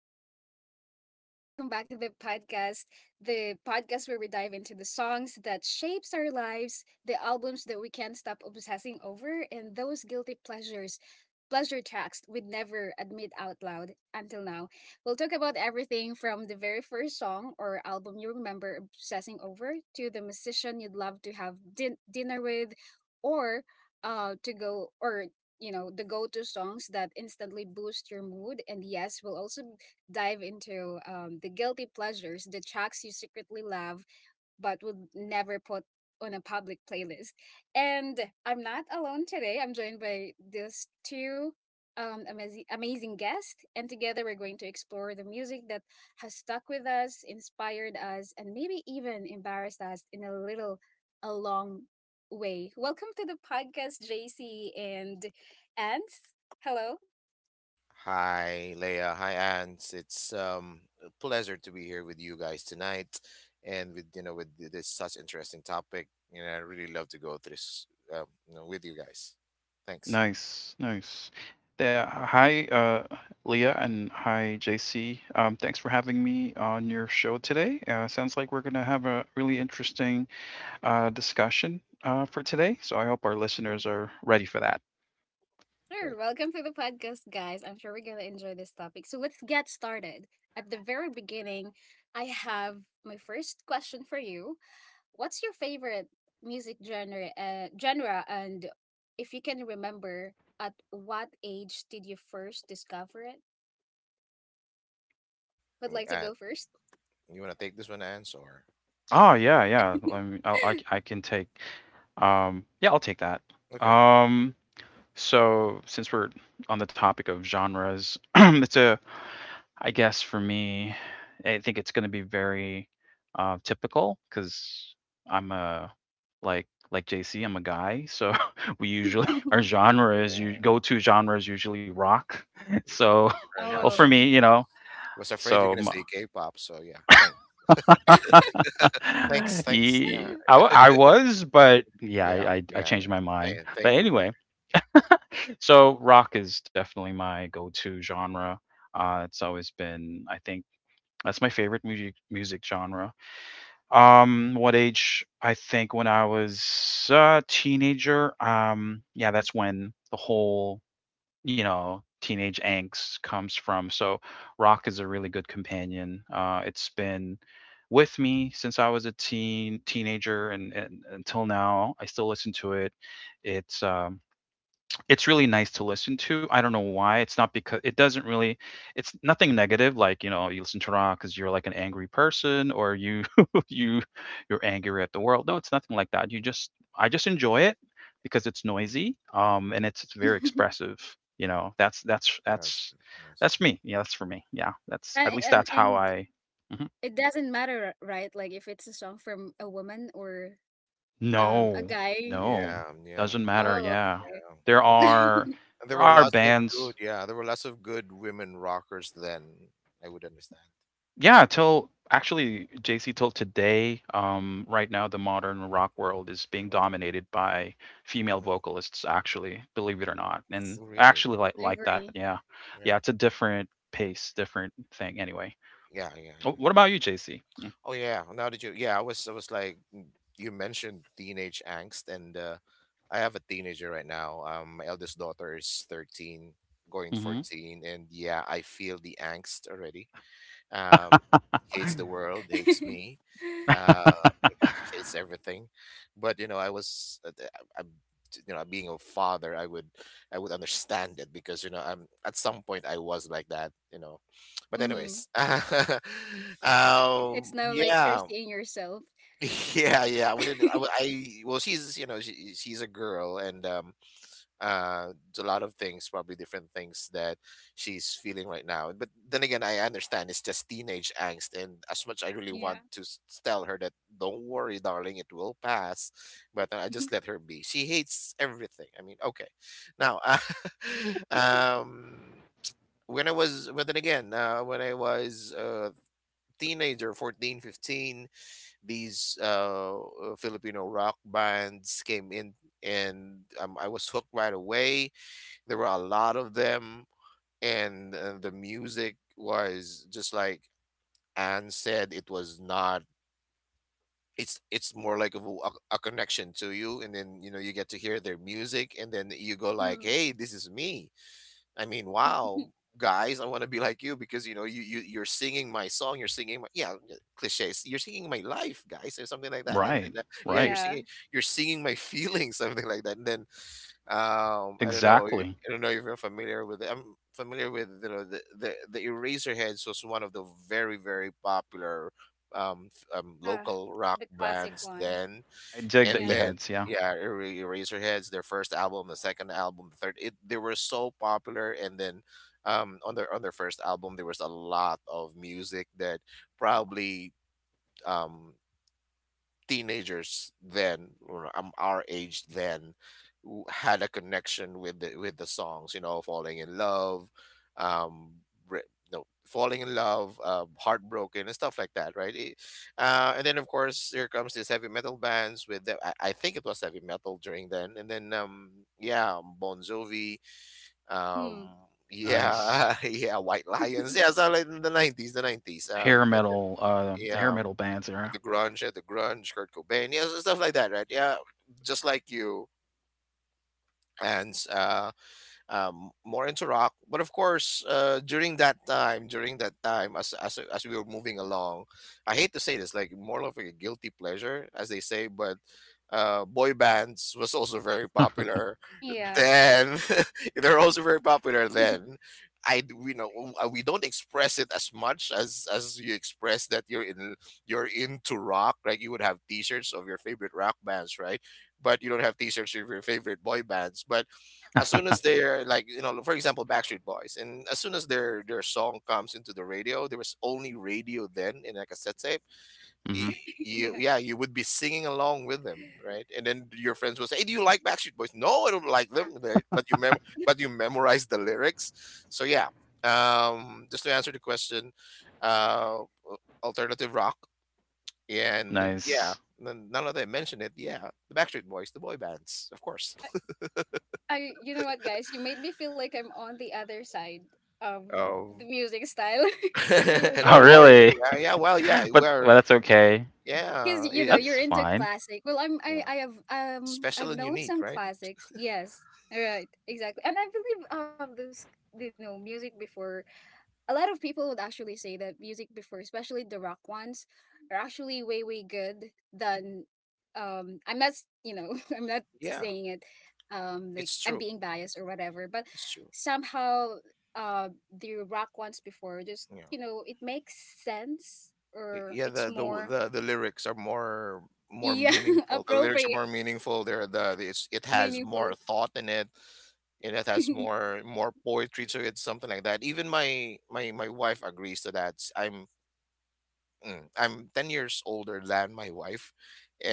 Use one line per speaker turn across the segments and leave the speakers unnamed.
Hello, everyone, and welcome back to the podcast. The podcast where we dive into the songs that shapes our lives, the albums that we can't stop obsessing over, and those guilty pleasures, pleasure tracks we'd never admit out loud until now. We'll talk about everything from the very first song or album you remember obsessing over to the musician you'd love to have dinner with, or to go, or you know the go-to songs that instantly boost your mood. And yes, we'll also dive into the guilty pleasures, the tracks you secretly love but would never put on a public playlist. And I'm not alone today. I'm joined by these two amazing, amazing guests. And together we're going to explore the music that has stuck with us, inspired us, and maybe even embarrassed us in a little, a long way. Welcome to the podcast, JC and Ants. Hello.
Hi, Leia. Hi, Ants. It's a pleasure to be here with you guys tonight, and with you know with th- this such interesting topic. You know, I really love to go through this with you guys. Thanks.
Nice, nice. Yeah, hi, Leah, and hi, JC. Thanks for having me on your show today. Sounds like we're going to have a really interesting discussion for today. So I hope our listeners are ready for that.
Sure,
Great.
welcome to the podcast, guys. I'm sure we're going to enjoy this topic. So let's get started. At the very beginning, I have my first question for you. What's your favorite music genre, genre, and if you can remember, at what age did you first discover it? Would
Mm,
like to go
Uh,
first?
you want to take this one, Ants, or
Oh yeah, yeah. I can take. Yeah, I'll take that.
okay?
Um, so since we're on the topic of genres, it's a I guess for me, I think it's going to be very typical because I'm a like like JC, I'm a guy, so we usually our genre is you
Yeah.
go to genre is usually rock.
you-
So,
Thank you very
well, for
much.
Oh.
me, you
I
know,
was, was afraid you're
so
gonna
m-
say K-pop, so yeah. Thanks.
I was, but yeah,
Yeah,
I
yeah, yeah. yeah.
changed my mind. But
Thank you, brother.
anyway, so rock is definitely my go-to genre. It's always been, I think, that's my favorite music genre. What age? I think when I was a teenager. Yeah, that's when the whole, you know, teenage angst comes from. So rock is a really good companion. It's been with me since I was a teenager, and until now. I still listen to it. It's um, it's really nice to listen to. I don't know why. It's not because it doesn't really it's nothing negative, like, you know, you listen to rock because 'cause you're like an angry person or you you you're angry at the world. No, it's nothing like that. You just I just enjoy it because it's noisy, and it's very
and,
expressive, you know? That's that's that's
Yes, yes.
that's me. Yeah, that's for me. Yeah, that's at least
and
that's how
and
I. Mhm.
it doesn't matter, right? Like if it's a song from a woman or a
No,
guy.
no,
Yeah, yeah,
doesn't matter,
Oh,
yeah. There
yeah.
are
And there were lots of
bands.
good, yeah, there were lots of good women rockers then. I would understand.
Yeah,
Yeah.
till actually JC till today, right now the modern rock world is being
mm,
dominated by female
Mm-hmm.
vocalists actually, believe it or not. And
yes,
I
Really?
actually
I
like that,
agree.
yeah. Yeah,
Yeah.
it's a different pace, different thing anyway.
Yeah, yeah,
Oh,
yeah, yeah.
what about you, JC?
Oh yeah. I was like, you mentioned teenage angst, and I have a teenager right now. My eldest daughter is 13, going
Mm-hmm.
14, and yeah, I feel the angst already. Um, hates the world, hates me, uh, hates everything. But you know, I was, th- I- I'm, you know, being a father, I would understand it, because you know, I'm at some point I was like that, you know. But
Mm-hmm.
anyways,
It's now like you're
yeah,
seeing yourself.
yeah, yeah. I wouldn't, I, would- I, well, she's, you know, she, she's a girl, and uh a lot of things, probably different things that she's feeling right now. But then again, I understand, it's just teenage angst. And as much I really
Yeah.
want to tell her that don't worry darling, it will pass, but I just let her be. She hates everything, I mean, okay, now. Uh, um when I was, but then again, when I was a teenager, 14, 15, these filipino rock bands came in, and I was hooked right away. There were a lot of them, and the music was just like Anne said. It was not. It's more like a connection to you, and then you know you get to hear their music, and then you go like,
Mm.
"Hey, this is me." I mean, wow, guys, I want to be like you, because you know you're singing my song, you're singing my yeah yeah, cliches, you're singing my life, guys, or something like that. And
Right,
yeah,
right.
Yeah.
you're singing my feelings, something like that. And then, I don't know.
Exactly.
I don't know if you're familiar with. I'm familiar with, you know, the Eraserheads was one of the very very popular
Ah,
local rock
the classic
bands
ones.
then.
I dig the
And
Yeah.
then
E-heads, yeah.
yeah, Eraserheads, their first album, the second album, the third. It they were so popular. And then on their first album there was a lot of music that probably Um, teenagers then, or our age then, had a connection with the songs, you know, falling in love, um re- no falling in love, heartbroken and stuff like that, right? And then of course here comes these heavy metal bands with I think it was heavy metal during then. And then yeah, bon jovi, um
Mm.
Nice.
yeah, yeah, white lions, yeah. So like in the 90s, and then,
The hair
yeah,
metal bands era.
the grunge, yeah, the grunge, Kurt Cobain, yeah, so stuff like that, right? Yeah, just like you. And more into rock. But of course, during that time, as we were moving along, I hate to say this, like more of like a guilty pleasure, as they say, but boy bands was also very popular
Yeah.
then. They're also very popular then. We know we don't express it as much as you express that you're in you're into rock. Like you would have T-shirts of your favorite rock bands, right? But you don't have T-shirts of your favorite boy bands. But as soon as they're, like, you know, for example, backstreet boys, and as soon as their song comes into the radio, there was only radio then, in like a cassette tape, y-
Mm-hmm.
you,
Yeah.
yeah, you would be singing along with them, right? And then your friends would say, hey, do you like backstreet boys? No, I don't like them. But you mem but you memorize the lyrics. So yeah, just to answer the question, uh alternative rock. And yeah,
Nice.
none of them mentioned it, yeah, the backstreet boys, the boy bands, of course.
I, you know what, guys? You made me feel like I'm on the other side.
um
The music style, because we're—
Oh,
Don't worry.
really?
Yeah, yeah. Well, yeah,
But
we're
well, that's okay.
because
yeah,
you know
eh,
That's
you're into
fine.
classic. Well, I'm
yeah.
I I have
Special
I've
and
known
unique,
some
right?
classics. Yes, right, exactly. And I believe those you know music before, a lot of people would actually say that music before, especially the rock ones, are actually way way good than, um, I'm not s- you know, I'm not
Yeah,
saying it, um, like
it's
I'm
true.
being biased or whatever, but
It's true.
somehow the rock ones before just
You
you
know,
know it makes sense, or
yeah.
it's more,
The lyrics are more
yeah,
meaningful. The lyrics are
appropriate,
more meaningful. They're the it's, it has
meaningful.
more thought in it, and it has more poetry to it, something like that. Even my wife agrees to that. I'm 10 years older than my wife,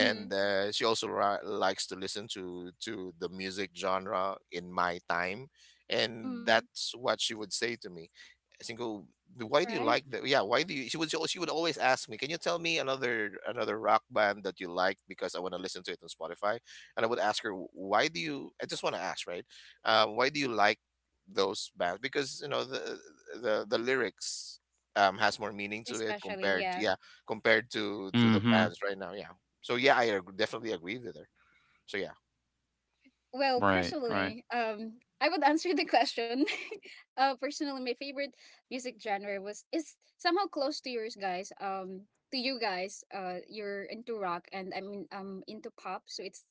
Mm-hmm.
she also ri likes to listen to the music genre in my time, and
Mm.
that's what she would say to me. I think, oh, why do you
Right?
like that? Yeah, why do you? She would always ask me, can you tell me another rock band that you like, because I want to listen to it on Spotify. And I would ask her, why do you? I just want to ask, right? Why do you like those bands? Because you know the lyrics has more meaning to it,
Especially,
compared to
yeah.
yeah, compared to the
Mhm.
bands right now, yeah. So yeah, definitely agree with her. So yeah.
Well,
Right, right.
personally, I would answer the question. Uh, personally, my favorite music genre was is somehow close to yours, guys. To you guys, you're into rock, and I mean, into pop. So it's,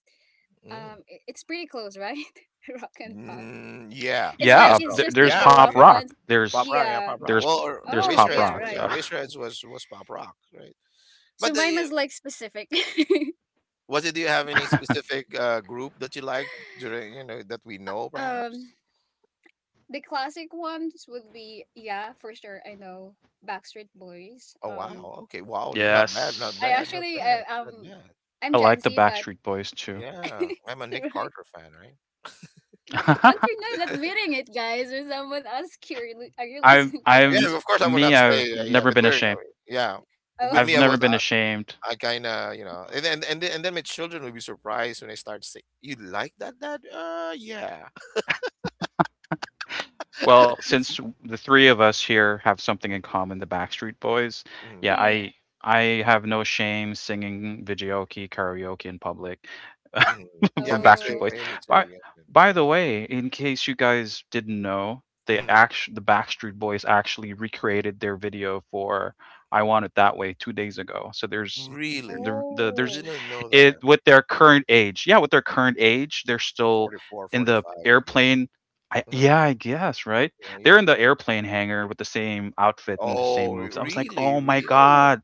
Mm.
it's pretty close, right? Rock and pop.
Mm, yeah,
It's
I
like
guess
Yeah,
it's
so,
just that
there's
yeah.
the
Oh,
pop
rock
yeah,
rock.
ones.
pop rock, yeah,
Yeah.
pop rock.
There's
Well,
there's
Oh,
pop
yeah.
rock
Yeah,
though.
Right.
Eraserheads was pop rock, right?
So
But the,
mine was like specific.
was it, do you have any specific group that you liked during, you know, that we know
Um,
perhaps?
the classic ones would be, yeah, for sure. I know Backstreet Boys.
Oh wow, okay, wow,
Yes.
I actually,
not bad.
I'm
I
Gen
like the
Z, but
Backstreet Boys too.
Yeah, I'm a Nick
right,
Carter fan, right?
but
I
you're not admitting it, guys. When someone asks you, "Are you are you listening to
I'm
Yeah, of
Backstreet?"
course I would not say,
I've
yeah,
never
but
been
we're in a
ashamed.
way- yeah.
Oh.
But
I've
me,
never been ashamed.
I kind of, you know, and then my children will be surprised when I start saying, "You like that, Dad?" Yeah.
Well, since the three of us here have something in common, the Backstreet Boys,
mm
yeah,
Yeah.
I have no shame singing videoke karaoke in public.
mm
for
Yeah, me
Backstreet
too.
Oh.
Boys.
Me too.
By
Yeah, yeah,
by
yeah.
the way, in case you guys didn't know,
Mhm.
the Backstreet Boys actually recreated their video for "I Want It That Way" 2 days ago. So there's
Really,
the
I
there's
Oh,
didn't know
it
that.
with their current age. Yeah, with their current age, they're still
44,
in the
45, I guess.
airplane. I,
Uh-huh.
yeah, I guess right.
Yeah,
They're in
yeah.
the airplane hangar with the same outfit and the same
Oh,
moves. I was like,
really,
oh my
really.
wow.
god,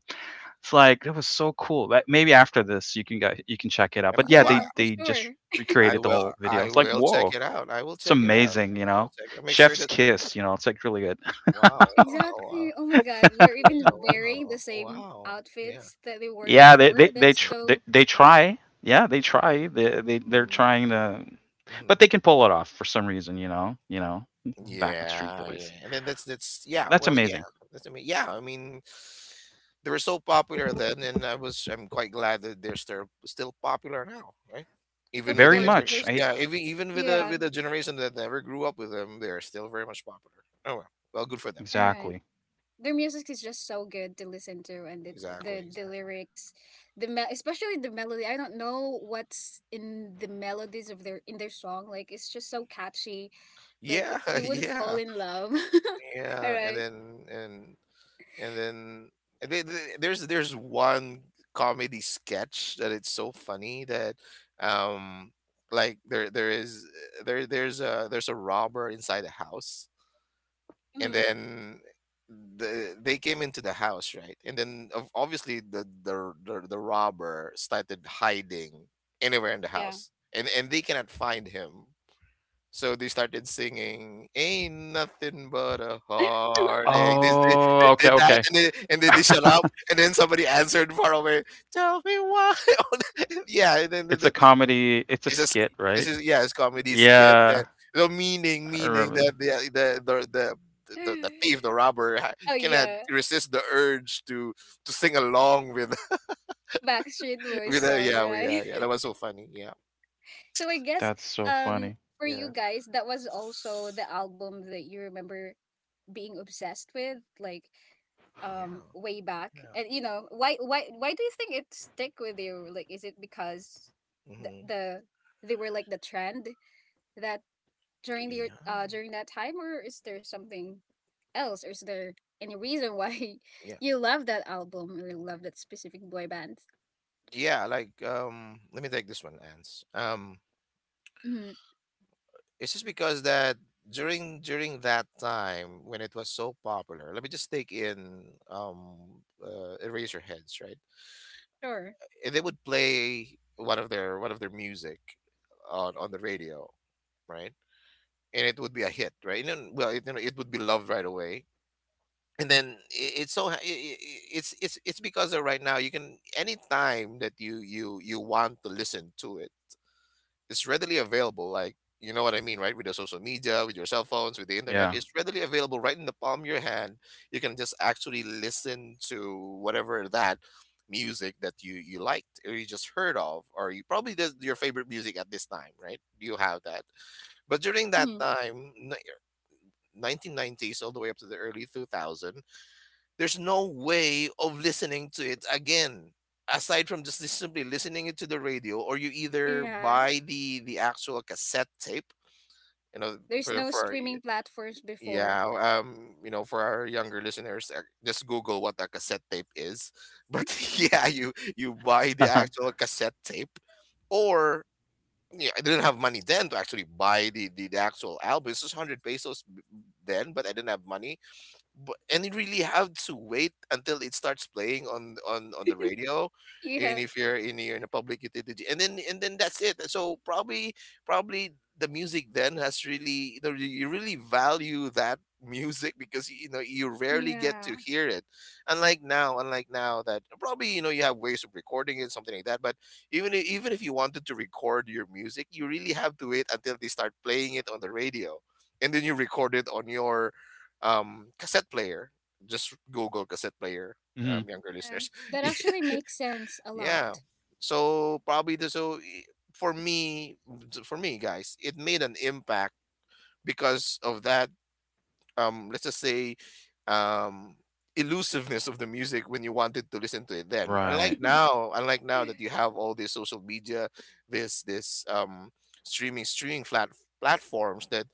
it's like, that was so cool. But maybe after this, you can check it out.
Am I-
But yeah,
Wow.
they
Yeah, for
they just
sure.
I
recreated the
will.
whole video.
I
It's like,
will check
whoa,
it out. I will
it's
check it out.
amazing, you know?
I'll check it. Out. Make sure
Chef's
that the.
kiss, you know, it's like really good.
Wow. Wow,
Exactly.
wow.
Oh my God, they're
Yeah,
even wearing the
wow,
same
wow. Yeah.
outfits that they wore
Yeah, they
before.
they they
That's
Yeah.
tr- they,
so—
they try. Yeah, they try. They're
Mm,
trying to,
hmm.
but they can pull it off for some reason, you know. You know, Backstreet
Yeah,
Boys.
yeah. And then that's
But
yeah,
that's
well,
amazing.
yeah. That's, I mean, yeah, I mean, they were so popular then, and I'm quite glad that they're still popular now, right? Even
of
with
Very
the
course,
younger,
much.
there's—
I
yeah, even even
yeah.
with the generation that never grew up with them, they're still very much popular. Oh well. Well, good for them.
All right.
Exactly.
Their music is just so good to listen to, and
Exactly,
the
exactly.
lyrics, the mel especially the melody. I don't know what's in the melodies of their in their song. Like it's just so catchy. Like
Yeah,
you would fall
yeah.
in love. All
Yeah, and
right.
then and. And then, and there's one comedy sketch that it's so funny that, um like, there's a robber inside a house, and
Mhm.
then they came into the house, right? And then, obviously, the robber started hiding anywhere in the
Yeah.
house, and they cannot find him. So they started singing, "Ain't nothing but a heartache." They
Oh, okay,
did that,
okay.
and then they shut up, and then somebody answered far away, "Tell me why." Yeah, and then the,
It's a comedy. It's a
it's just,
skit, right?
yeah, it's comedy skit. And
Yeah, I
meaning that
remember.
the thief, the robber,
Oh
cannot
yeah,
resist the urge to sing along with,
Backstreet Boys
with,
song,
yeah,
right?
yeah, yeah. That was so funny. Yeah,
So I guess
That's so
um
funny.
for you
yeah,
guys that was also the album that you remember being obsessed with, like
yeah,
way back.
yeah.
And you know why do you think it stick with you? Like is it because the,
Hmm.
the they were like the trend that during the
Yeah,
during that time, or is there something else, or is there any reason why
yeah,
you love that album or love that specific boy band?
yeah, like, let me take this one Ants. Um
Mm-hmm.
it's just because that during that time when it was so popular, let me just take in, eraser heads, right?
Sure.
Eh, they would play one of their music on the radio, right? And it would be a hit, right? And then, well, it, you know, it would be loved right away. And then it, it's so ha- I- it's because of, right now you can anytime that you want to listen to it, it's readily available. Like, you know what I mean, right? With the social media, with your cell phones, with the internet,
Yeah.
it's readily available right in the palm of your hand. You can just actually listen to whatever that music that you liked, or you just heard of, or you probably did your favorite music at this time, right? You have that, but during that
Hmm.
time 1990s all the way up to the early 2000, there's no way of listening to it again, aside from just simply listening it to the radio, or you either
Yeah,
buy the actual cassette tape. you know
there's
for
no
for our-
streaming platforms before.
yeah, you know, for our younger listeners, just google what a cassette tape is, but yeah, you buy the actual cassette tape, or yeah, I didn't have money then to actually buy the actual album. It was hundred pesos then, but I didn't have money. But, and you really have to wait until it starts playing on the radio, and
Yeah.
if you're in a public utility, and then that's it. So probably, probably the music then has really you really value that music because you know you rarely get
Yeah,
to hear it, unlike now, that probably, you know, you have ways of recording it, something like that. But even if you wanted to record your music, you really have to wait until they start playing it on the radio, and then you record it on your cassette player. Just google cassette player,
Mhm.
younger
yeah,
listeners.
that actually makes sense a lot.
Yeah, so probably for me, guys, it made an impact because of that, let's just say um elusiveness of the music when you wanted to listen to it then, unlike
Right.
now, that you have all this social media, this streaming streaming flat platforms that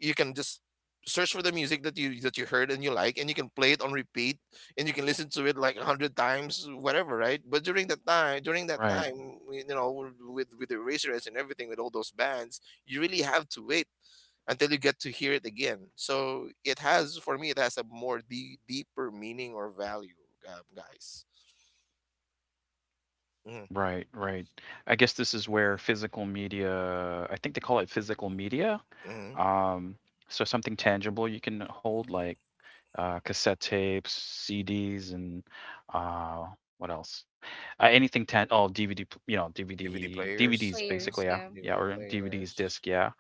you can just search for the music that you heard and you like, and you can play it on repeat, and you can listen to it like a hundred times, whatever, right? But during that time,
Right.
you know, with the erasers and everything, with all those bands, you really have to wait until you get to hear it again. So it has, for me, it has a more deeper meaning or value, guys. mm
Right. Right. I guess this is where physical media, I think they call it physical media.
mm
Um, so something tangible you can hold like cassette tapes, CDs, and uh, what else? Anything tan oh DVD, you know,
DVD
DVD,
players,
DVDs
yeah.
Players.
basically, yeah,
Yeah.
yeah,
DVD
or DVDs
players,
disc, yeah.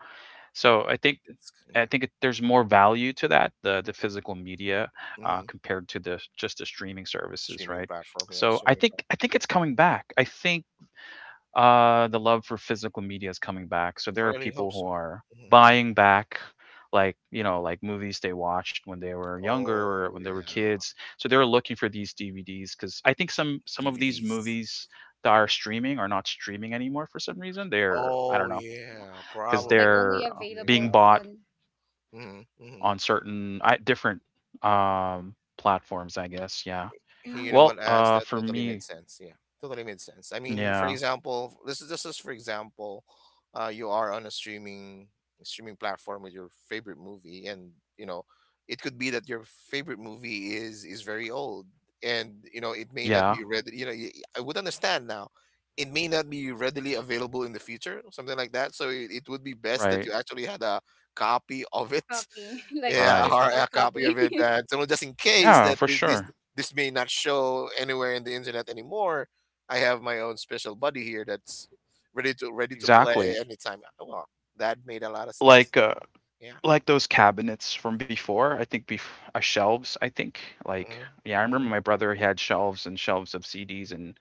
So
disc,
I
yeah.
think there's more value to that, the physical media,
Hmm.
compared to the just the streaming services,
Streaming
right?
platform, yeah,
So
streaming.
I think it's coming back. I think the love for physical media is coming back. So
I
there are
really
people
hope
who
so.
are
Hmm.
buying back, like you know, like movies they watched when they were younger or when
Oh
they were
yeah,
kids. So they're looking for these DVDs because I think some of these
DVDs.
movies that are streaming are not streaming anymore for some reason. They're I don't
Oh
know
yeah,
because
Oh, like
probably,
only
they're
probably,
being
available
probably.
bought
on—
Hmm. Hmm.
on certain I different, platforms, I guess, yeah.
Hey, you know
mm.
Well,
what, Ans? That
for
totally made
me
sense. Yeah, totally made sense. I mean, for
yeah.
example, this is, for example, you are on a streaming platform with your favorite movie, and you know, it could be that your favorite movie is very old, and you know, it may not
Yeah.
be read. You know, I would understand now. It may not be readily available in the future, something like that. So it would be best that
Right,
you actually had a copy of it.
Copy, like a
Yeah,
right.
or
physical
a copy
copy.
of it. So just in case
Yeah,
that
for
thi- this
sure.
this may not show anywhere in the internet anymore, I have my own special buddy here that's ready to play
Exactly.
anytime. Oh, wow, that made a lot of sense.
Like, uh
Yeah.
like those cabinets from before, I think bef shelves, I think, like
Hmm.
yeah, I remember
Hmm.
my brother, he had shelves and shelves of CDs and,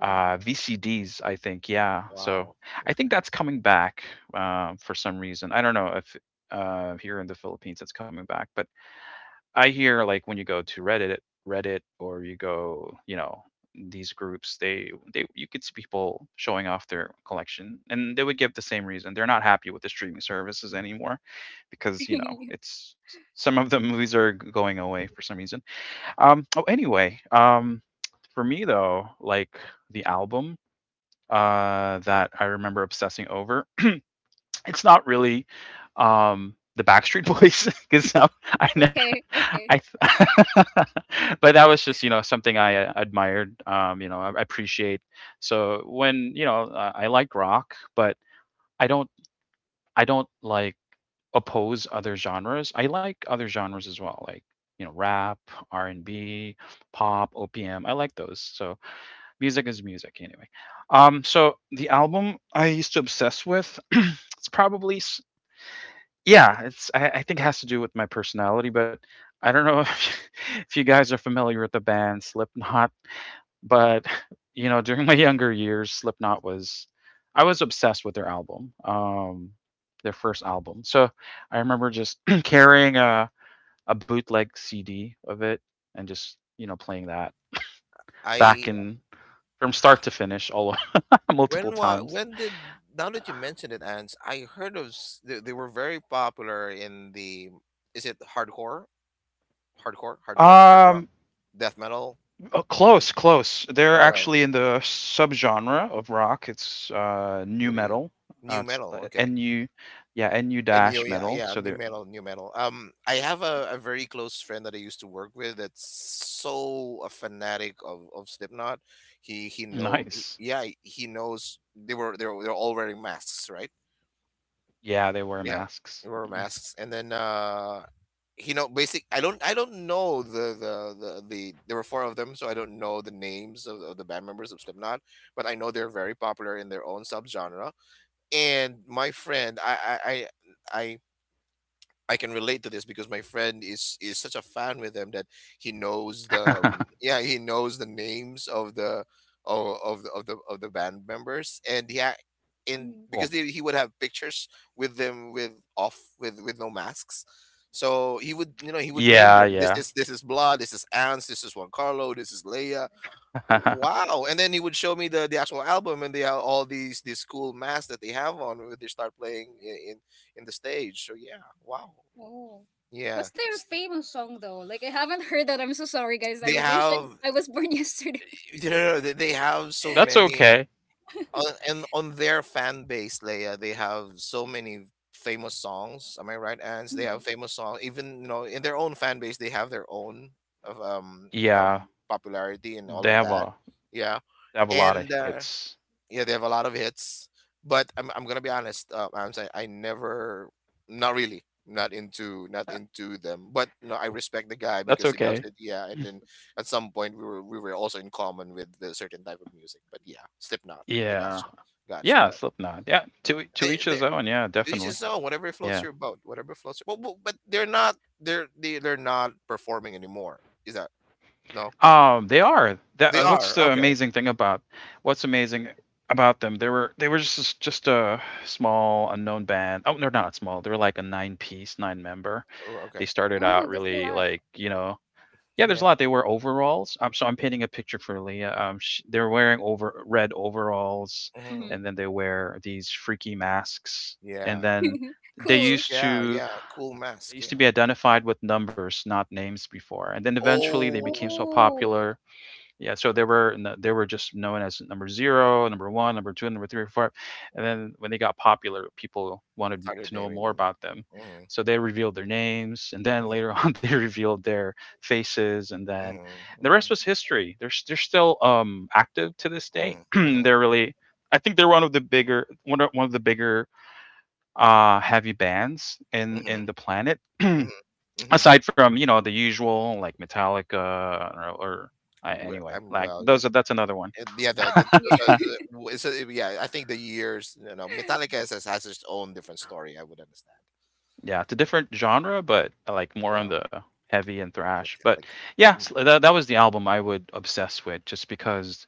VCDs, I think, yeah. So,
Wow.
I
Okay.
think that's coming back, for some reason. I don't know if, here in the Philippines it's coming back, but I hear like when you go to Reddit, or you go, you know, these groups, they you could see people showing off their collection, and they would give the same reason. They're not happy with the streaming services anymore, because you know it's some of the movies are going away for some reason. Oh, anyway. For me though, like the album that I remember obsessing over it's not really the Backstreet Boys because I, know-
Okay, okay.
I, th- but that was just you know something I admired. You know, I appreciate. So when you know, I like rock, but I don't, I don't like oppose other genres. I like other genres as well, like you know, rap, R&B, pop, OPM. I like those. So music is music anyway. So the album I used to obsess with, it's probably yeah, it's I think it has to do with my personality, but I don't know if if you guys are familiar with the band Slipknot, but, you know, during my younger years, Slipknot was I was obsessed with their album, their first album. So, I remember just carrying a bootleg CD of it and just, you know, playing that back
I
in from start to finish all multiple times.
when did, now that you mentioned it, Ants, I heard of they, were very popular in the, is it hardcore, hard rock,
Um
death metal.
Oh,
Mm,
close, close. They're
all right.
actually in the subgenre of rock. It's new
What do you?
metal.
New
Uh, it's
metal.
uh,
Okay.
nu, yeah, nu
And new,
dash
yeah,
metal.
yeah,
So
new
they're
metal, I have a very close friend that I used to work with that's so a fanatic of, Slipknot.
nice.
Yeah, he knows they were, they're all wearing masks, right?
Yeah, they wear
Yeah, they
masks.
were
Mhm.
masks, and then you know, basic. I don't know the there were four of them, so I don't know the names of the band members of Slipknot, but I know they're very popular in their own subgenre. And my friend, I I can relate to this because my friend is such a fan with them that he knows the yeah, he knows the names of the of the of the band members, and yeah, and
Mm.
because
cool.
he would have pictures with them with off with no masks, so he would, you know, he would name
Yeah,
them, this
yeah.
is, blah, this is Ans, this is Juan Carlo, this is Leia. Wow, and then he would show me the actual album, and they have all these cool masks that they have on when they start playing in the stage, so yeah, wow,
Oh.
yeah,
What's their famous song though? Like I haven't heard that. I'm so sorry, guys. I
they
wish
have.
I— I was born yesterday.
No, no, no, they have so
Well, that's
many
okay.
on and on their fan base, Leia. They have so many famous songs. Am I right, Ans? They have
Mhm.
famous songs. Even, you know, in their own fan base, they have their own of
Yeah,
popularity and all
they
of
have
that.
a
Yeah,
they have a lot of
and
hits.
yeah, they have a lot of hits. But I'm gonna be honest. I'm saying I never, not really, not into, them. But no, I respect the guy
That's
because he
okay.
loves it. Yeah,
Mm.
and then at some point we were, also in common with a certain type of music. But yeah, Slipknot. I
Yeah,
gotcha,
yeah.
gotcha.
Slipknot. Yeah,
Yeah,
to each
they
his own. Yeah,
this
definitely.
is, no, whatever floats
Yeah.
your boat, whatever floats your, well, but they're not, they're not performing anymore. Is that no?
They are. That
They
what's
are,
the
okay,
amazing thing about What's amazing about them? They were just a small unknown band. Oh, they're not small. They were like a nine piece, nine member.
okay,
They started out
Oh, that's a
really
lot.
like you know yeah. There's a
yeah,
lot. They wear overalls. So I'm painting a picture for Leah. Sh They're wearing over red overalls,
hmm,
Hmm.
and then they wear these freaky masks,
yeah.
and then they
It's
Cool.
used
yeah,
to
yeah, cool
they
mask,
used to
yeah.
be identified with numbers, not names before, and then eventually they became so
Oh,
Oh,
popular. Yeah, so they were just known as number zero, number one, number two, number three, four, and then when they got popular, people wanted
I'm tired of
to know
naming
more
them.
about them,
Mhm,
so they revealed their names, and then later
mhm,
on they revealed their faces, and then
mhm,
the rest
mhm,
was history. They're still active to this day.
mhm, mhm,
They're really, I think they're one of the one of the bigger heavy bands
mhm,
in the planet.
mhm, mhm.
Aside from, you know, the usual like Metallica or, or
Well,
anyway,
I'm
like
well, yeah,
those are that's another one.
and yeah. Those are
yeah.
the, so, yeah, I think the years, you know, Metallica has its own different story. I would understand.
Yeah, it's a different genre, but I like more
Yeah,
on the heavy and thrash. But
Metallica.
yeah,
Mm,
that was the album I would obsess with just because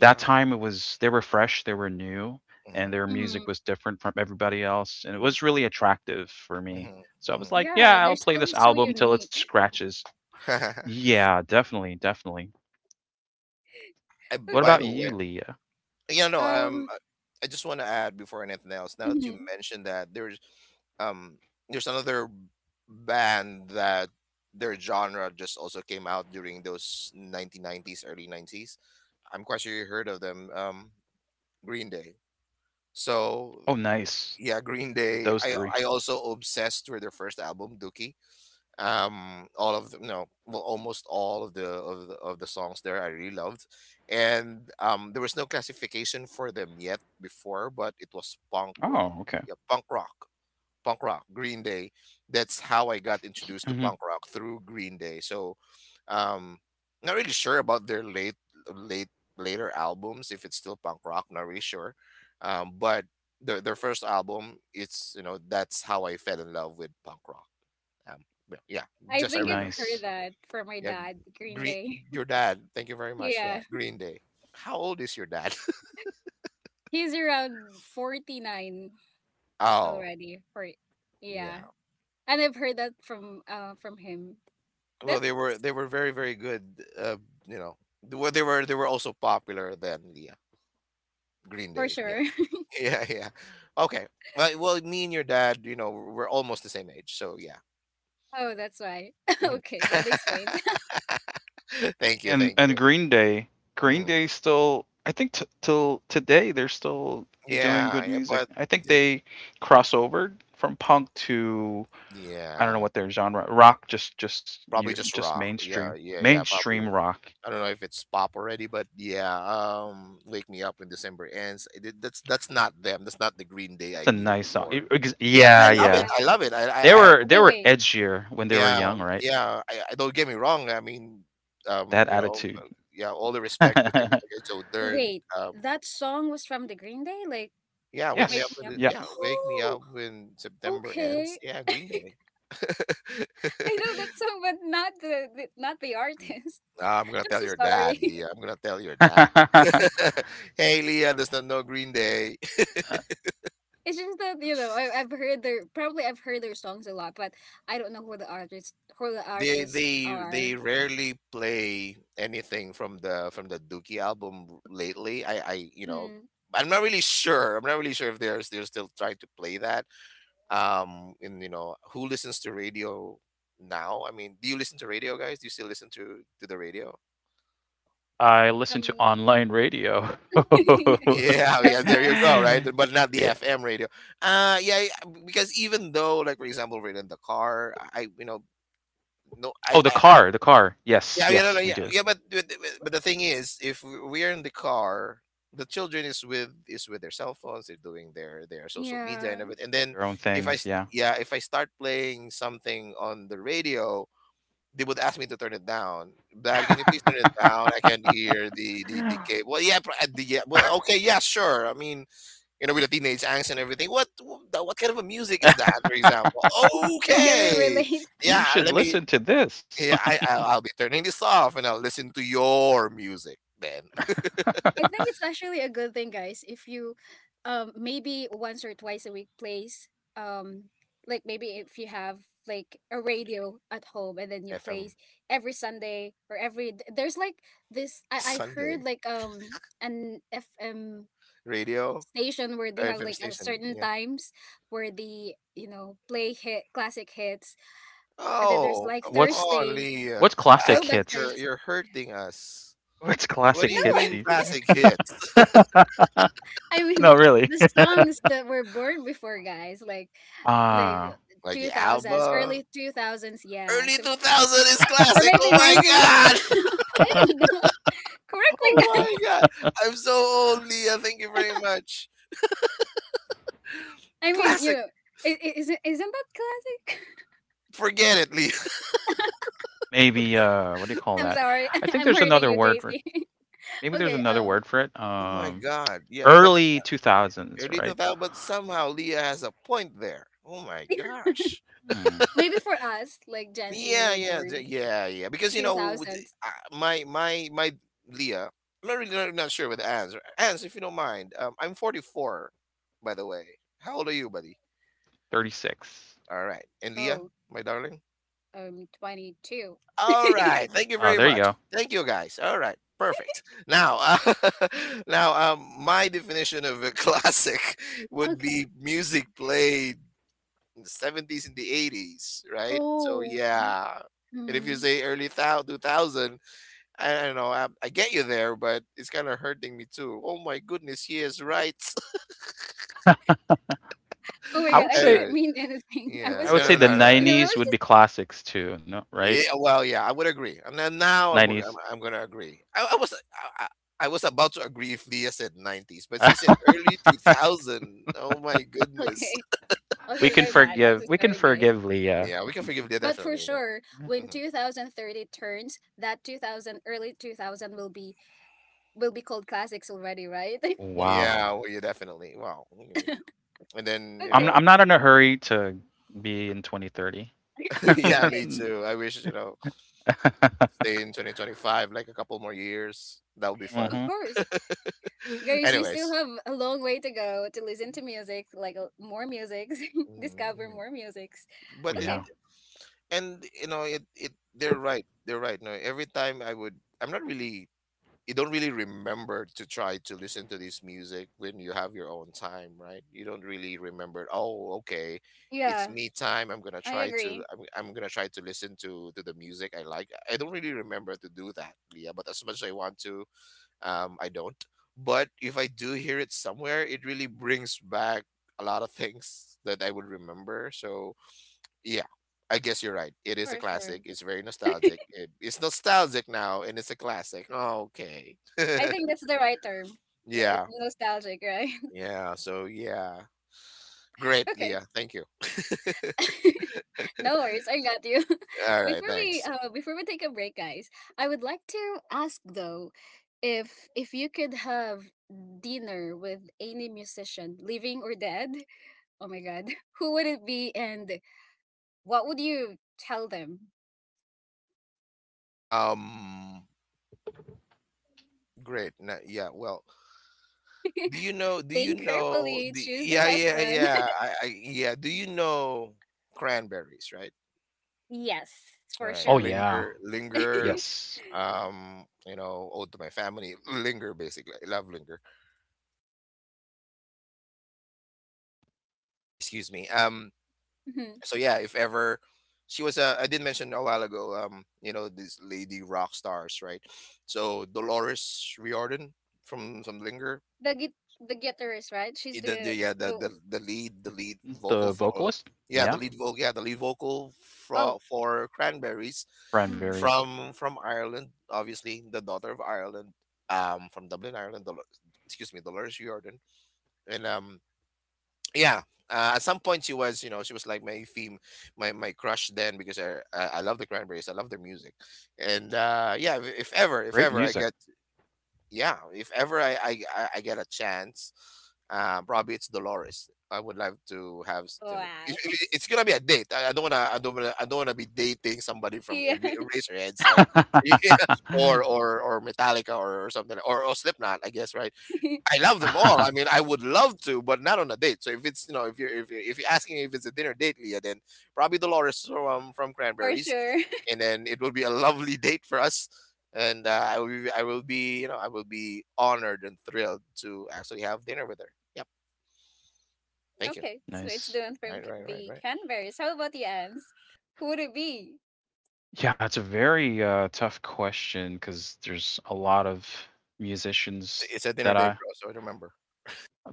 that time it was they were fresh, they were new,
Mm-hmm,
and their
Hmm.
music was different from everybody else, and it
mm-hmm,
was really attractive for me.
mm-hmm,
So I was like,
Yeah,
yeah, I'll
their
play
style
this
is so
album till it
unique.
scratches.
mm-hmm.
Yeah, definitely, definitely. What
By
Okay.
about
the
you,
way,
Leah?
yeah, no.
Um,
I just want to add before anything else. Now that you
mhm.
mentioned that, um, there's another band that their genre just also came out during those 1990s, early 90s. I'm quite sure you heard of them. Green Day. So
Oh, nice.
yeah, Green Day.
Those three.
I also obsessed with their first album, Dookie. All of no, well, almost all of of the songs there I really loved. And there was no classification for them yet before, but it was punk rock.
Oh, okay.
Yeah, punk rock, Green Day. That's how I
I,
got introduced to
mhm.
punk rock through Green Day. So um not really sure about their late later albums, if it's still punk rock, not really sure. But their first album, it's, you know, that's how I fell in love with punk rock. um, well, yeah,
I
just I
think I've
remember.
heard
Nice.
that from my
Yeah,
dad, Green
Green,
Day.
your dad. Thank you very much. Yeah,
Yeah.
Green Day. How old is your dad?
He's around 49
Oh,
already. For,
yeah.
yeah. And I've heard that from him.
Well, they were,
That's
very good. Uh, you know, they were also popular then. Yeah, Green
for
Day. Yeah,
sure.
yeah, yeah. Okay. Well, me and your dad, you know, we're almost the same age. So yeah.
Oh, that's why.
Mhm.
Okay, that explains.
Thank you,
And and Green
Mhm.
Day still. I think till today they're still doing
Yeah,
good
yeah,
music.
but
I think
it-
they cross over from punk to, I don't know
yeah,
what their genre, rock. Just you
probably just
just
rock. Yeah, Probably
mainstream rock.
I don't know if it's pop already, but yeah, "Wake Me Up When December Ends." I that's not them. That's not the Green Day
That's
I
a
knew
nice song.
before. Yeah, but
Yeah,
I love it.
Yeah.
yeah.
I love it.
They
I
were they
Wait,
were
wait.
edgier when they were
yeah,
young, right?
yeah. I don't, get me wrong. I mean,
That
you know,
attitude.
yeah, all the respect with Joe Dern.
Wait.
Um,
That song was from the Green Day? Like
yeah, wake me
Wake
up
Yes.
Me
when
Up.
Yeah.
yeah, wake me
Oh,
up when September ends.
okay.
Yeah, Green Day.
I know that song, but not the, the not the
Mm.
artist.
I'm gonna
I'm
tell
so
your dad,
sorry.
Leah. I'm gonna tell your dad. Hey, Leah does not know Green Day.
It's just that you know I've heard their probably I've heard their songs a lot, but I don't know who the artists
They
are.
rarely play anything from the Dookie album lately. I, you know,
Hmm.
I'm not really sure. If they're, they're still trying to play that. And you know who listens to radio now? I mean, do you listen to radio, guys? Do you still listen to the radio?
I listen to
Some.
online radio.
Yeah, yeah, there you
Sometimes,
go, right?
Yeah.
But not the FM radio. Yeah, yeah, because even though, like, for example, we're in the car, I, you know, no,
Oh, the
I
car, the car.
yeah,
Yes,
yeah, no, no,
yes,
yeah,
we do.
yeah, but, but the thing is, if we're in the car, the children is with their cell phones, they're doing their social media
yeah,
and everything. And then
Their own
if
things, yeah.
yeah, if I start playing something on the radio, they would ask me to turn it down. Dad, can you please turn it down? I can't hear the the cable. Well, yeah, yeah. Well, okay, yeah, sure. I mean, you know, with the teenage angst and everything. What kind of a music is that, for example?
they couldn't
Okay,
relate.
You
yeah,
should
let me.
listen to this.
Yeah, I'll be turning this off and I'll listen to your music then.
I think it's actually a good thing, guys, if you, maybe once or twice a week plays, um, like maybe if you have like a radio at home and then you play
FM
every Sunday or every there's like this I heard
Sunday
like an FM
radio
station where they
or
have
FM
like a
station.
certain
Yeah.
times where they you know play hit classic hits, and then there's
Oh,
like
come
what's
on,
Thursday,
Leah.
what's classic
Classic.
throwback
You're
hits?
Thursday.
you're hurting us.
What's
What do
No.
classic
you
hits
mean
these days?
classic hits?
I mean,
No, really.
the songs that were born before guys, like
Ah.
Like
2000s,
Alba?
early 2000s, yeah,
Early
so,
2000 is
or
classic. Oh
maybe
my
90s.
god.
I don't know, correct me
Oh my
guys,
god. I'm so old, Leah. Thank you very much.
I mean you
Classic.
know, isn't that classic?
Forget it, Leah.
Maybe what do you call
I'm
that?
sorry.
I think
I'm
there's
hurting
another
you,
word for
JC.
maybe there's
Okay,
another
um,
word for it.
Oh my god. Yeah, but
Early 2000s,
early
right?
2000, but somehow Leah has a point there. Oh my gosh.
Hmm,
maybe for us, like Gen Z who
Yeah,
were
yeah,
born
yeah. Because you know, with the-
2000s.
uh, my my my Leah. I'm not really not sure with Ans. Ans, if you don't mind, I'm 44, by the way. How old are you, buddy?
36.
All right, and Leah,
Oh,
my darling.
22.
All right. Thank you very
There you
much.
go.
Thank you, guys. All right. Perfect. Now, now, my definition of a classic would
Okay.
be music played in the 70s and the 80s, right? So,
Oh.
yeah. And
Hmm.
if you say early thou 2000, I don't know, I get you there, but it's kind of hurting me too. Oh my goodness, he is right.
Oh my God, I
I would
didn't
say
mean
anyway,
anything. I was
yeah.
just,
I would
No,
say
no,
the
no,
you
no,
know, I
no.
was just—
90s would be classics too, no, right?
Yeah, well, yeah, I would agree. And then now
90s.
I'm going to agree. I I was about to agree if Leah said 90s, but she said early 2000. Oh my goodness.
okay.
We
Okay,
can
my bad. I'm so
forgive. We can
sorry, guys.
forgive Leah.
Yeah, we can forgive Leah
But for
definitely now.
sure, when
Mhm.
2030 turns, that 2000, early 2000 will be— will be called classics already, right?
Yeah,
Wow.
well, yeah, definitely. Wow. Yeah. And then, you
I'm
Okay.
know,
I'm not in a hurry to be in 2030.
yeah,
Okay.
me too. I wish, you know, stay in 2025 like a couple more years. That would be
Of
fun.
Mhm.
course. Guys, you still
Anyways.
have a long way to go to listen to music, like more musics, discover
Mhm.
more musics.
Oh
But it
Okay,
yeah.
and you know, it they're right. They're right. No, every time I would I'm not really you don't really remember to try to listen to this music when you have your own time, right? You don't really remember, oh, okay, it's
yeah,
me time.
I agree,
I'm gonna try to listen to the music I like. I don't really remember to do that, Leah, but as much as I want to, I don't. But if I do hear it somewhere, it really brings back a lot of things that I would remember. So yeah, I guess you're right. It is a
for sure.
classic. It's very nostalgic. It's nostalgic now, and it's a classic. Okay.
I think that's the right term.
yeah,
Nostalgic, right?
yeah. So yeah, great,
Okay.
Leah. Thank you.
No worries, I got you.
All right, thanks.
Before we take a break, guys, I would like to ask though, if you could have dinner with any musician, living or dead, oh my god, who would it be and what would you tell them?
Um, yeah. Well, do you know? Do you
Think
know?
carefully,
The,
choose the
yeah,
best
yeah,
one.
yeah. I, yeah. Do you know cranberries? Right.
Yes,
All
for
right.
Oh
sure.
yeah.
Linger, linger.
Mhm.
Yes.
You know, ode to my family. Linger, basically. I love linger. Excuse me. Um, so yeah, if ever I did mention a while ago, um, you know, this lady rock stars, right? So Dolores Riordan from linger.
The git the guitarist, right? She's
I- the
the—
yeah
the—
the lead vocal
The
for
vocalist?
yeah the
Yeah.
lead vocal yeah the lead vocal
oh,
for cranberries
mhm.
Cranberries.
from Ireland, obviously, the daughter of Ireland, um, from Dublin, Ireland. Dol- excuse me Dolores Riordan. And, um, yeah, at some point she was, you know, she was like my theme, my crush then, because I love the cranberries, I love their music. And uh, yeah, if
Great
ever I
music.
get yeah if ever I, I get a chance, uh, probably it's Dolores I would love to have. You know,
Wow.
it's gonna be a date. I don't wanna, I don't wanna be dating somebody from
Yeah.
Eraserheads, or yeah, or metallica, or something, or slipknot, I guess, right? I love them all. I mean, I would love to, but not on a date. So if it's, you know, if you're asking if it's a dinner date, Leah, then probably Dolores from, from
For
Cranberries,
sure.
and then it will be a lovely date for us. And I will be, you know, I will be honored and thrilled to actually have dinner with her. Yep. Thank you.
Okay, so it's
Nice.
done from
Right.
K-
Right. Right.
the
Right.
Canberries. How about the Ants? Who would it be?
Yeah, it's a very tough question because there's a lot of
It's
musicians
it's a dinner
that
date,
I
bro. So remember.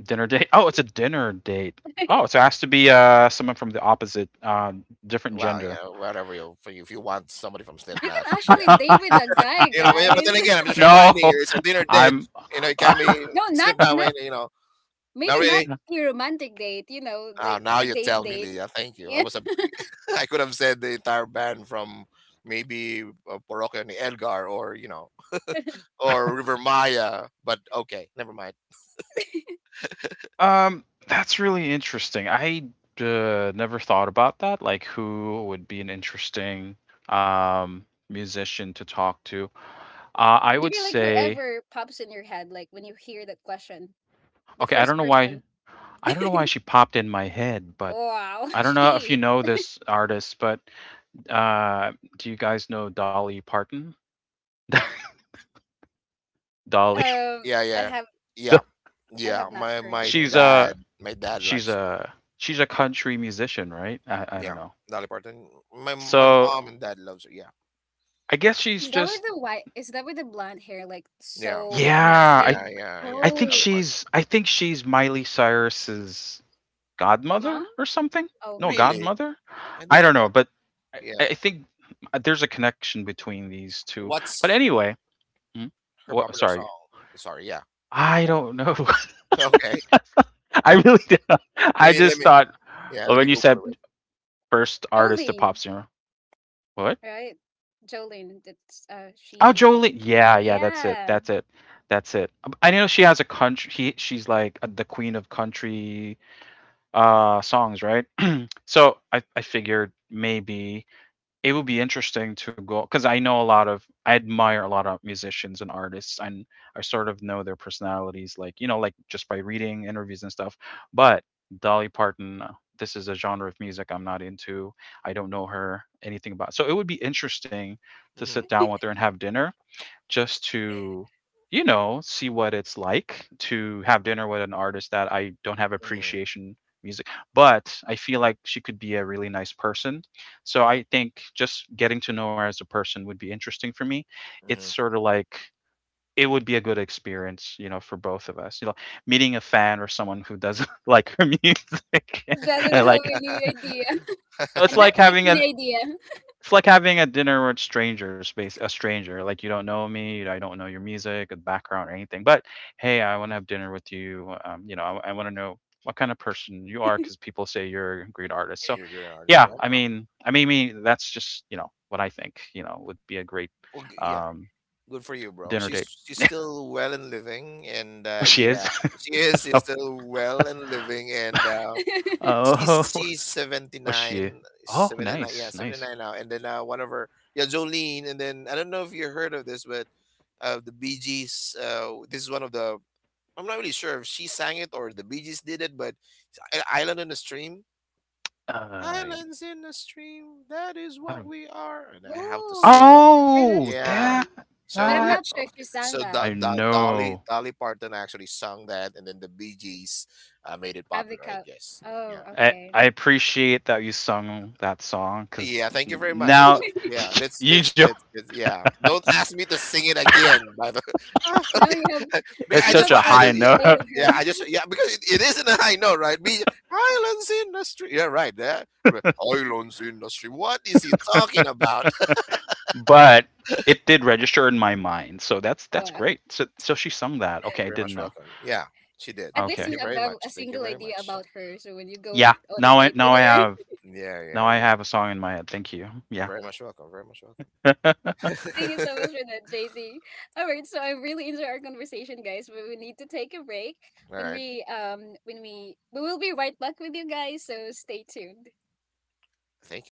dinner date. Oh, it's a dinner date. Oh, so it has to be someone from the opposite, different
Well, you
gender.
know, whatever you for you if you want somebody from
You
Slipknot,
can
yeah,
actually date with a guy,
you know. But
guys.
then again, I'm just reminding
no,
you, it's a dinner date.
I'm.
You know, it can be
No, not
Slipknot.
not—
When you know, not
maybe not
really.
a romantic date. You know,
Oh,
like
now
a
you
date
tell me,
date.
Leah. Thank you.
Yeah,
I could have said the entire band from maybe Porokyo ni Elgar, or you know, or River Maya, but okay, never mind.
That's really interesting. I never thought about that. Like, who would be an interesting musician to talk to? I would
maybe like
say,
whoever pops in your head, like when you hear that question. The
okay,
first person.
I don't know why she popped in my head, but
Wow,
I don't know if you
she.
know this artist, but uh, do you guys know Dolly Parton? Dolly,
Um,
Yeah,
I
yeah,
have
yeah,
I
yeah.
have not
My
heard
my
she's
her.
dad,
a
my dad likes her.
she's a country musician, right? I don't
Yeah,
know.
Dolly Parton. My
So
mom and dad loves her. Yeah,
I guess she's
Is that with
just
the white? Is that with the blonde hair, like
yeah,
so
yeah.
yeah,
massive?
yeah, yeah. Dolly
Oh,
Parton.
I think she's Miley Cyrus's
mom.
godmother or something.
Oh,
No,
Really?
godmother.
I
I don't
didn't know
know,
that.
but
Yeah.
I think there's a connection between these two. But
What's
anyway, hmm?
her
What,
popular
sorry,
song? Sorry. Yeah.
I don't know.
Okay.
I really don't.
Let
I
me let
just
me.
thought
Yeah.
oh,
Let me
when you said
Google it.
first artist to
Jolene,
pop singer, what?
right? Jolene. That's
Oh,
she. I,
Jolene. Yeah, yeah, that's it.
yeah,
That's it. That's it. I know she has a country. He, she's like the queen of country songs, right? So I figured maybe it would be interesting to go because I know a lot of I admire a lot of musicians and artists, and I sort of know their personalities, like you know, like just by reading interviews and stuff. But Dolly Parton, this is a genre of music I'm not into. I don't know her anything about. So it would be interesting to sit
Mhm.
down with her and have dinner just to, you know, see what it's like to have dinner with an artist that I don't have
hmm
appreciation music. But I feel like she could be a really nice person. So
hmm
I think just getting to know her as a person would be interesting for me. It's
hmm
sort of like it would be a good experience, you know, for both of us. You know, meeting a fan or someone who doesn't like her music. I
doesn't have
like
any idea,
it's
and not
like
like
having an
any idea.
it's like having a dinner with strangers, base a stranger. Like you don't know me, you- I don't know your music, or background, or anything. But hey, I want to have dinner with you. You know, I want to know what kind of person you are because people say you're a great artist. So,
You're a great artist.
yeah,
Yeah.
I mean, me. That's just you know what I think. You know, would be a great
Yeah.
um,
Good for you, bro.
dinner
She's
date.
she's still well and living, and
Oh, she is.
yeah, she's
oh,
still well and living, and she's
oh,
she's
oh, she.
79,
Oh,
79, yeah,
nice, nice.
79 now. And then one of her, yeah, Jolene. And then I don't know if you heard of this, but the Bee Gees, this is one of the, I'm not really sure if she sang it or the Bee Gees did it, but it's Island in the Stream.
Uh,
Islands in the stream, that is
I
what
don't.
we are. And I have to sing it.
Oh, I've heard that
Oh,
Yeah.
song, but
So
I'm
it
that.
not sure
Oh,
if she sang
so
that.
Do,
I
Do, Dolly
know.
Dolly Parton actually sung that, and then the Bee Gees made it popular, I
Avica.
guess. Yeah.
Oh, okay.
I appreciate that you sung that song because
Yeah. Thank you very much. And
now
let's yeah.
you jo-
Let's yeah. Don't ask me to sing it again, by the
Now you have—
because
it's
you
such
have
a
I
high
something
just
to
yeah.
note,
say to
Yeah, I
her.
just yeah, because it is in a high note, right? Be islands in the stream. Yeah, right. Yeah. I mean, islands in the stream. What is he talking about?
but it did register in my mind. So that's
Wow.
great. So so she sung that.
You're
Okay, I
very much
didn't know.
welcome. Yeah, she did.
At least
Thank
Okay,
you
you
have
very
the, a
much. Thank you
single
very
idea
much.
about her. So when you go
yeah.
on a date with
Yeah.
her,
Yeah,
Now
yeah,
I
yeah.
have a song in my head. Thank you. Yeah.
Very much welcome. Very much welcome.
thank you so much for that, Jay. All right, so I really enjoy our conversation, guys. But we need to take a break.
All
When
right.
we when we will be right back with you guys. So stay tuned.
Thank you.